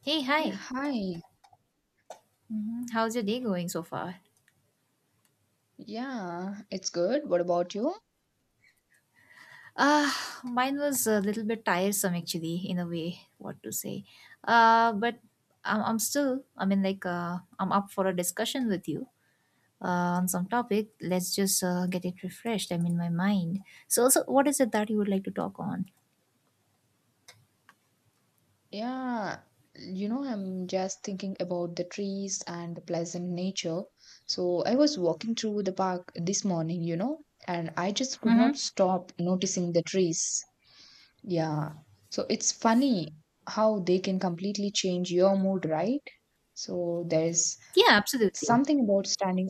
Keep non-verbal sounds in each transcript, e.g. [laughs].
Hey, Yeah, hi. hi. Mhm. How's your day going so far? Yeah, it's good. What about you? Ah, mine was a little bit tiresome actually, in a way, what to say. Uh, but I'm still, I'm up for a discussion with you on some topic. Let's just get it refreshed. I mean, my mind. So, what is it that you would like to talk on? Yeah, I'm just thinking about the trees and the pleasant nature. So I was walking through the park this morning, and I just could not Mm-hmm. stop noticing the trees. Yeah. So it's funny how they can completely change your mood, right? So there's Yeah, absolutely. something about standing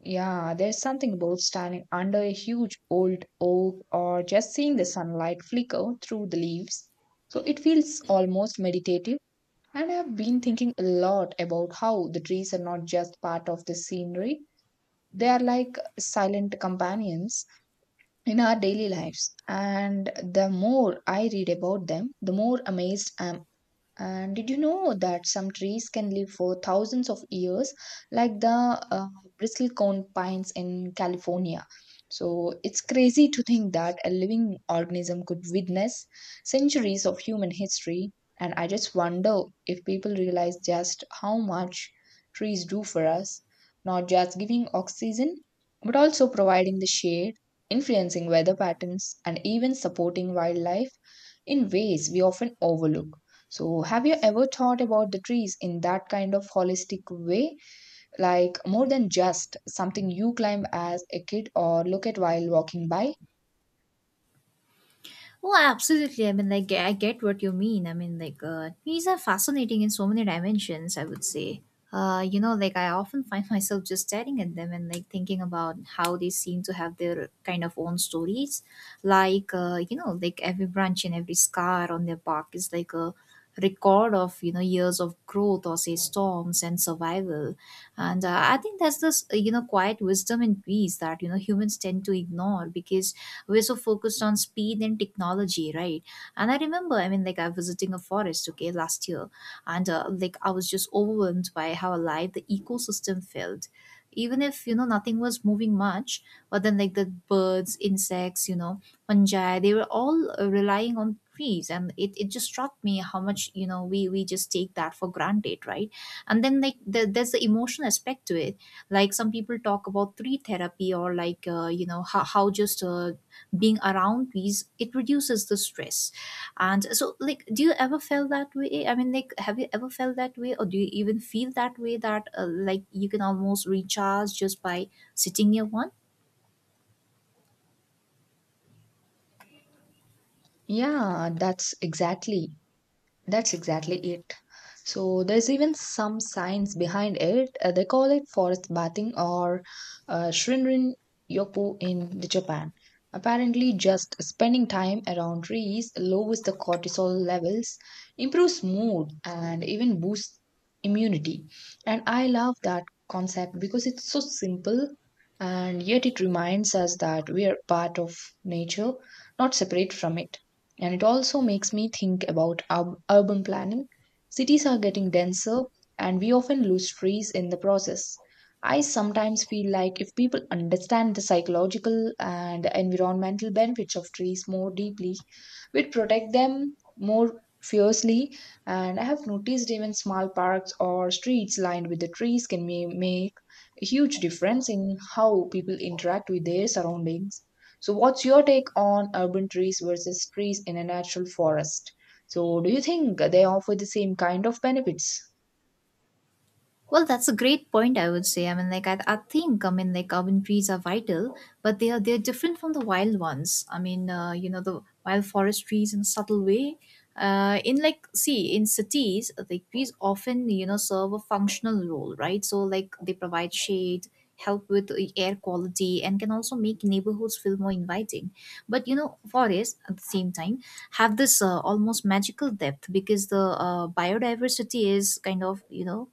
Yeah, there's something about standing under a huge old oak or just seeing the sunlight flicker through the leaves. So it feels almost meditative. And I've been thinking a lot about how the trees are not just part of the scenery, they are like silent companions in our daily lives. And the more I read about them, the more amazed I am, and did you know that some trees can live for thousands of years, like the uh, bristlecone pines in California? So it's crazy to think that a living organism could witness centuries of human history. And I just wonder if people realize just how much trees do for us, not just giving oxygen, but also providing the shade, influencing weather patterns, and even supporting wildlife in ways we often overlook. So, have you ever thought about the trees in that kind of holistic way? Like more than just something you climb as a kid or look at while walking by? Oh, absolutely. I get what you mean. These are fascinating in so many dimensions, I would say. I often find [laughs] myself just staring at them and, thinking about how they seem to have their kind of own stories. Every branch and every scar on their bark is like a record of, years of growth or, say, storms and survival. And I think that's this, quiet wisdom in peace that, humans tend to ignore because we're so focused on speed and technology, right? And I remember, I was visiting a forest, okay, last year, and I was just overwhelmed by how alive the ecosystem felt, even if nothing was moving much. But then, like, the birds, insects, fungi, they were all relying on trees, and it just struck me how much, we just take that for granted, right? And then, there's the emotional aspect to it. Like, some people talk about tree therapy or, how just being around these, it reduces the stress. And so, like, do you ever felt that way? Have you ever felt that way, or do you even feel that way that like you can almost recharge just by sitting near one? Yeah, that's exactly. That's exactly it. So there's even some science behind it. They call it forest bathing, or Shinrin Yopu in the Japan. Apparently, just spending time around trees lowers the cortisol levels, improves mood, and even boosts immunity. And I love that concept because it's so simple and yet it reminds us that we are part of nature, not separate from it. And it also makes me think about urban planning. Cities are getting denser, and we often lose trees in the process. I sometimes feel like if people understand the psychological and environmental benefits of trees more deeply, we'd protect them more fiercely. And I have noticed even small parks or streets lined with the trees can make a huge difference in how people interact with their surroundings. So, what's your take on urban trees versus trees in a natural forest? So, do you think they offer the same kind of benefits? Well, that's a great point, I would say. I think. Urban trees are vital, but they're different from the wild ones. I mean, the wild forest trees in a subtle way. In like See, in cities, like trees often, serve a functional role, right? So, like, they provide shade, help with the air quality, and can also make neighborhoods feel more inviting. But, forests at the same time have this almost magical depth because the biodiversity is kind of,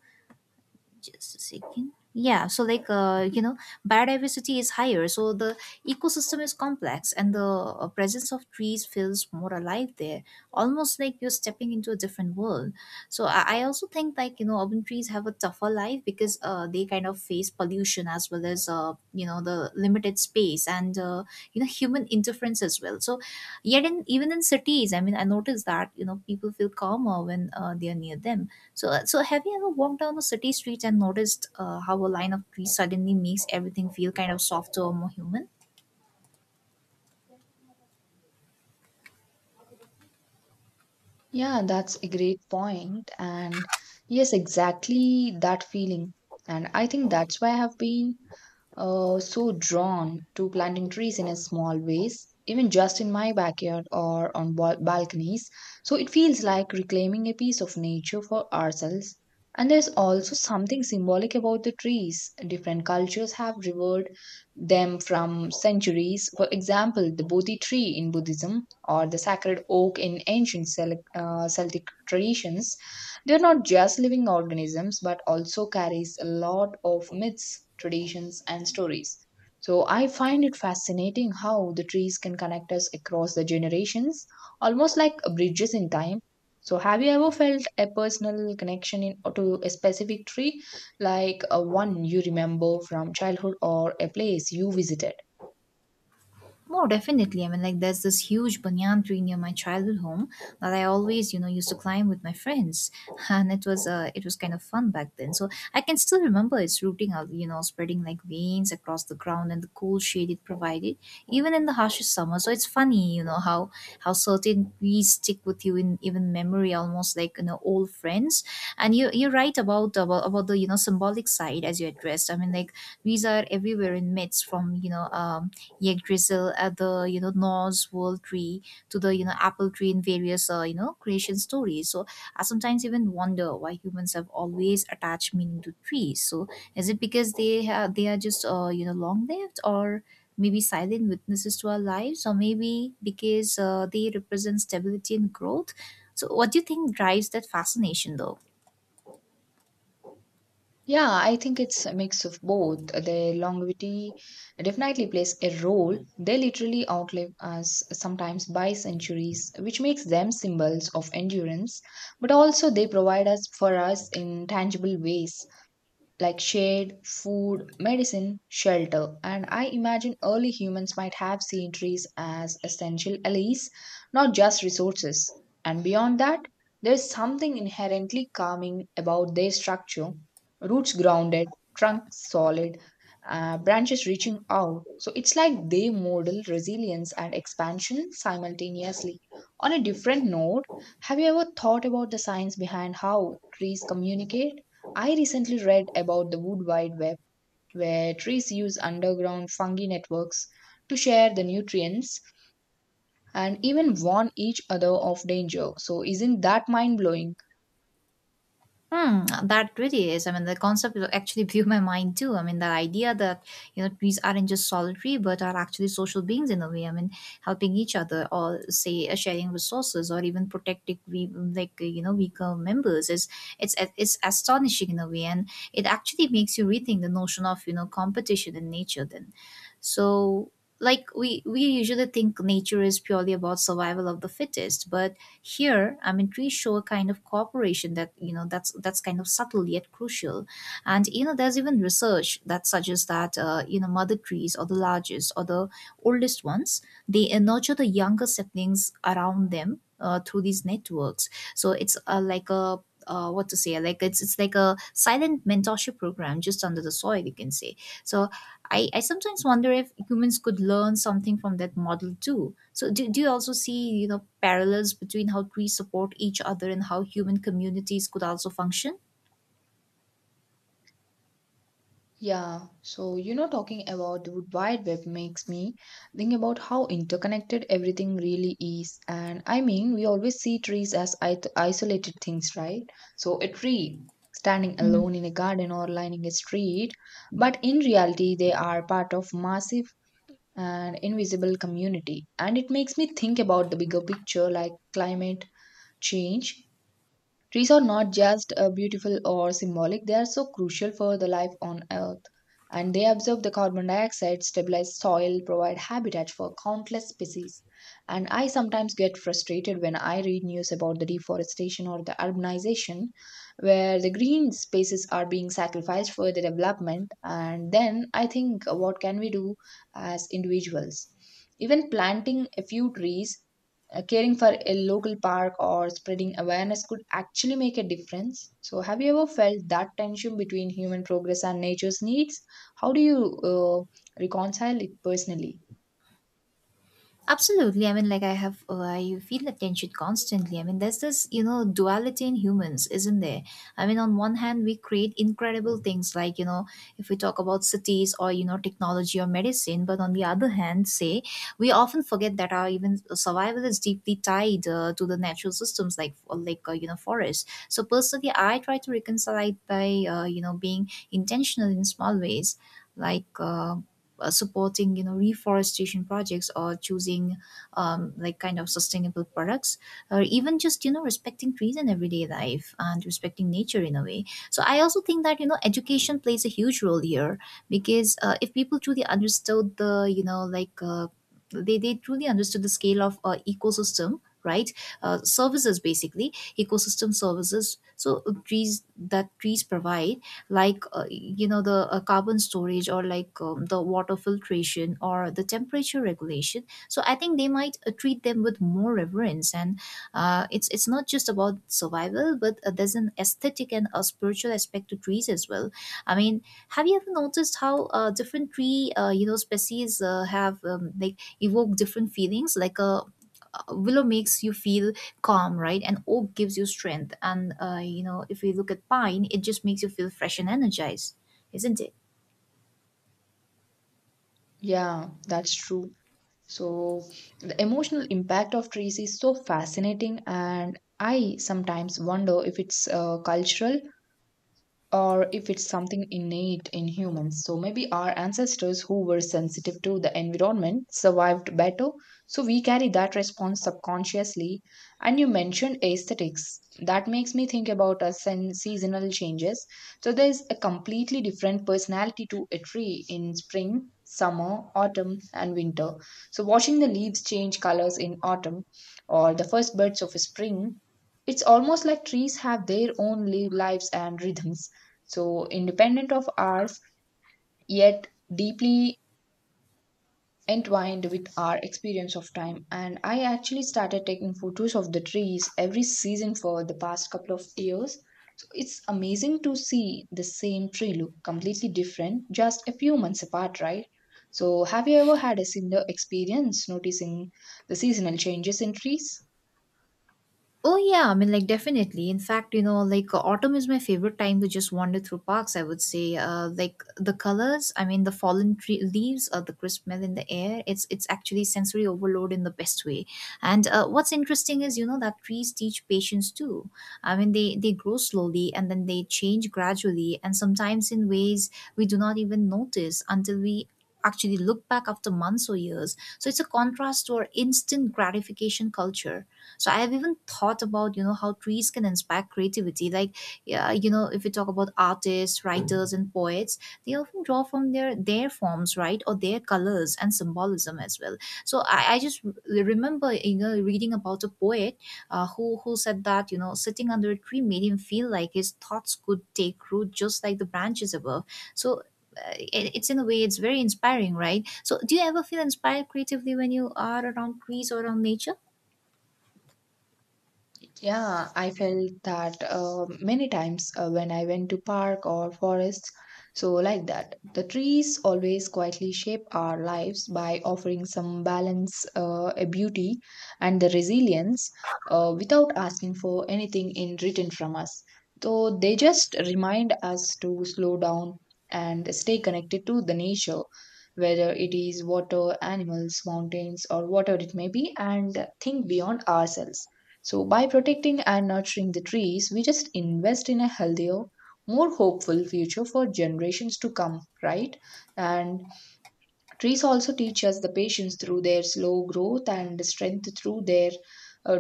just a second. Yeah, so, biodiversity is higher, so the ecosystem is complex and the presence of trees feels more alive there, almost like you're stepping into a different world. I also think, urban trees have a tougher life because they kind of face pollution, as well as the limited space and human interference as well. So, yet in even in cities, I mean, I noticed that, people feel calmer when they are near them. So, so have you ever walked down the city streets and noticed how a line of trees suddenly makes everything feel kind of softer or more human? Yeah, that's a great point. And yes, exactly that feeling. And I think that's why I have been so drawn to planting trees in a small ways, even just in my backyard or on balconies. So it feels like reclaiming a piece of nature for ourselves. And there's also something symbolic about the trees. Different cultures have revered them from centuries. For example, the Bodhi tree in Buddhism or the sacred oak in ancient Celtic traditions, they're not just living organisms, but also carries a lot of myths, traditions, and stories. So I find it fascinating how the trees can connect us across the generations, almost like bridges in time. So have you ever felt a personal connection to a specific tree, like a one you remember from childhood or a place you visited? More definitely. I mean, like, there's this huge banyan tree near my childhood home that I always, used to climb with my friends, [laughs] and it was kind of fun back then. So I can still remember its rooting out, spreading like veins across the ground, and the cool shade it provided, even in the harshest summer. So it's funny, how certain trees stick with you in even memory, almost like, old friends. And you're right about the, symbolic side, as you addressed. I mean, like, these are everywhere in myths, from, Yggdrasil at the, Norse world tree, to the, apple tree in various, creation stories. So I sometimes even wonder why humans have always attached meaning to trees. So, is it because they are just, long lived, or maybe silent witnesses to our lives, or maybe because they represent stability and growth? So what do you think drives that fascination though? Yeah, I think it's a mix of both. Their longevity definitely plays a role. They literally outlive us sometimes by centuries, which makes them symbols of endurance, but also they provide us for us in tangible ways like shade, food, medicine, shelter. And I imagine early humans might have seen trees as essential allies, not just resources. And beyond that, there is something inherently calming about their structure, roots grounded, trunks solid, branches reaching out. So it's like they model resilience and expansion simultaneously. On a different note, have you ever thought about the science behind how trees communicate? I recently read about the Wood Wide Web, where trees use underground fungi networks to share the nutrients and even warn each other of danger. So, isn't that mind blowing? Hmm, that really is. I mean, the concept actually blew my mind too. I mean, the idea that, trees aren't just solitary, but are actually social beings in a way. I mean, helping each other, or say, sharing resources, or even protecting, we like, you know, weaker members, is, it's astonishing in a way. And it actually makes you rethink the notion of, competition in nature then. So, like we usually think nature is purely about survival of the fittest, but here, I mean, trees show a kind of cooperation that, that's kind of subtle yet crucial. And, there's even research that suggests that, mother trees, or the largest or the oldest ones, they nurture the younger saplings around them through these networks. So it's, like a what to say, it's like a silent mentorship program just under the soil, you can say. So I sometimes wonder if humans could learn something from that model too. So, do you also see, parallels between how trees support each other and how human communities could also function? Yeah, so talking about the Wood Wide Web makes me think about how interconnected everything really is. And I mean, we always see trees as isolated things, right? So, a tree standing alone in a garden or lining a street, but in reality, they are part of massive and invisible community. And it makes me think about the bigger picture, like climate change. Trees are not just beautiful or symbolic, they are so crucial for the life on Earth. And they absorb the carbon dioxide, stabilize soil, provide habitat for countless species. And I sometimes get frustrated when I read news about the deforestation or the urbanization, where the green spaces are being sacrificed for the development. And then I think, what can we do as individuals? Even planting a few trees, caring for a local park or spreading awareness could actually make a difference. So, have you ever felt that tension between human progress and nature's needs? How do you reconcile it personally? Absolutely. I have, I feel the tension constantly. I mean, there's this, duality in humans, isn't there? I mean, on one hand, we create incredible things, like, if we talk about cities, or, technology or medicine, but on the other hand, say, we often forget that our even survival is deeply tied to the natural systems, like, forests. So personally, I try to reconcile it by, being intentional in small ways, like uh, supporting, reforestation projects, or choosing, like, kind of sustainable products, or even just, respecting trees in everyday life, and respecting nature in a way. So I also think that, education plays a huge role here, because if people truly understood the, they truly understood the scale of ecosystem, right, services, basically, ecosystem services, so trees provide, the carbon storage, or the water filtration, or the temperature regulation. So I think they might treat them with more reverence. And it's not just about survival, but there's an aesthetic and a spiritual aspect to trees as well. I mean, have you ever noticed how different tree species have like evoke different feelings, like a willow makes you feel calm, right, and oak gives you strength, and, if we look at pine, it just makes you feel fresh and energized, isn't it? Yeah, that's true. So, the emotional impact of trees is so fascinating, and I sometimes wonder if it's cultural or if it's something innate in humans. So maybe our ancestors who were sensitive to the environment survived better. So we carry that response subconsciously. And you mentioned aesthetics. That makes me think about us and seasonal changes. So there's a completely different personality to a tree in spring, summer, autumn, and winter. So watching the leaves change colors in autumn or the first birds of spring, it's almost like trees have their own lives and rhythms, so independent of ours, yet deeply entwined with our experience of time. And I actually started taking photos of the trees every season for the past couple of years. So it's amazing to see the same tree look completely different just a few months apart, right? So have you ever had a similar experience noticing the seasonal changes in trees? Oh yeah, I mean, like definitely. In fact, autumn is my favorite time to just wander through parks, I would say. The colors, I mean the fallen tree leaves or the crisp smell in the air, it's actually sensory overload in the best way. And what's interesting is, that trees teach patience too. I mean, they grow slowly and then they change gradually, and sometimes in ways we do not even notice until we actually look back after months or years. So it's a contrast to our instant gratification culture. So I have even thought about, how trees can inspire creativity. Like, yeah, if we talk about artists, writers, and poets, they often draw from their forms, right, or their colors and symbolism as well. I just remember, reading about a poet, who said that, sitting under a tree made him feel like his thoughts could take root just like the branches above. So it's, in a way, it's very inspiring, right? So do you ever feel inspired creatively when you are around trees or around nature? Yeah, I felt that many times when I went to park or forests. So like that, the trees always quietly shape our lives by offering some balance, a beauty, and the resilience, without asking for anything in return from us. So they just remind us to slow down and stay connected to the nature, whether it is water, animals, mountains, or whatever it may be, and think beyond ourselves. So, by protecting and nurturing the trees, we just invest in a healthier, more hopeful future for generations to come, right? And trees also teach us the patience through their slow growth and strength through their uh,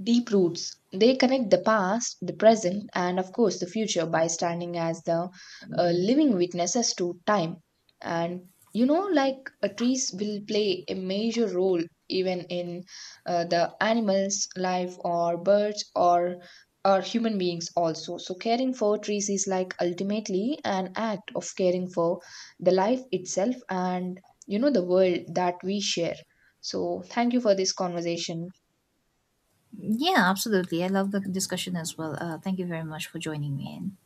deep roots. They connect the past, the present, and of course the future by standing as the living witnesses to time. And trees will play a major role even in the animals' life, or birds, or human beings also. So caring for trees is like ultimately an act of caring for the life itself and the world that we share. So thank you for this conversation. Yeah, absolutely. I love the discussion as well. Thank you very much for joining me in.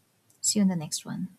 See you in the next one.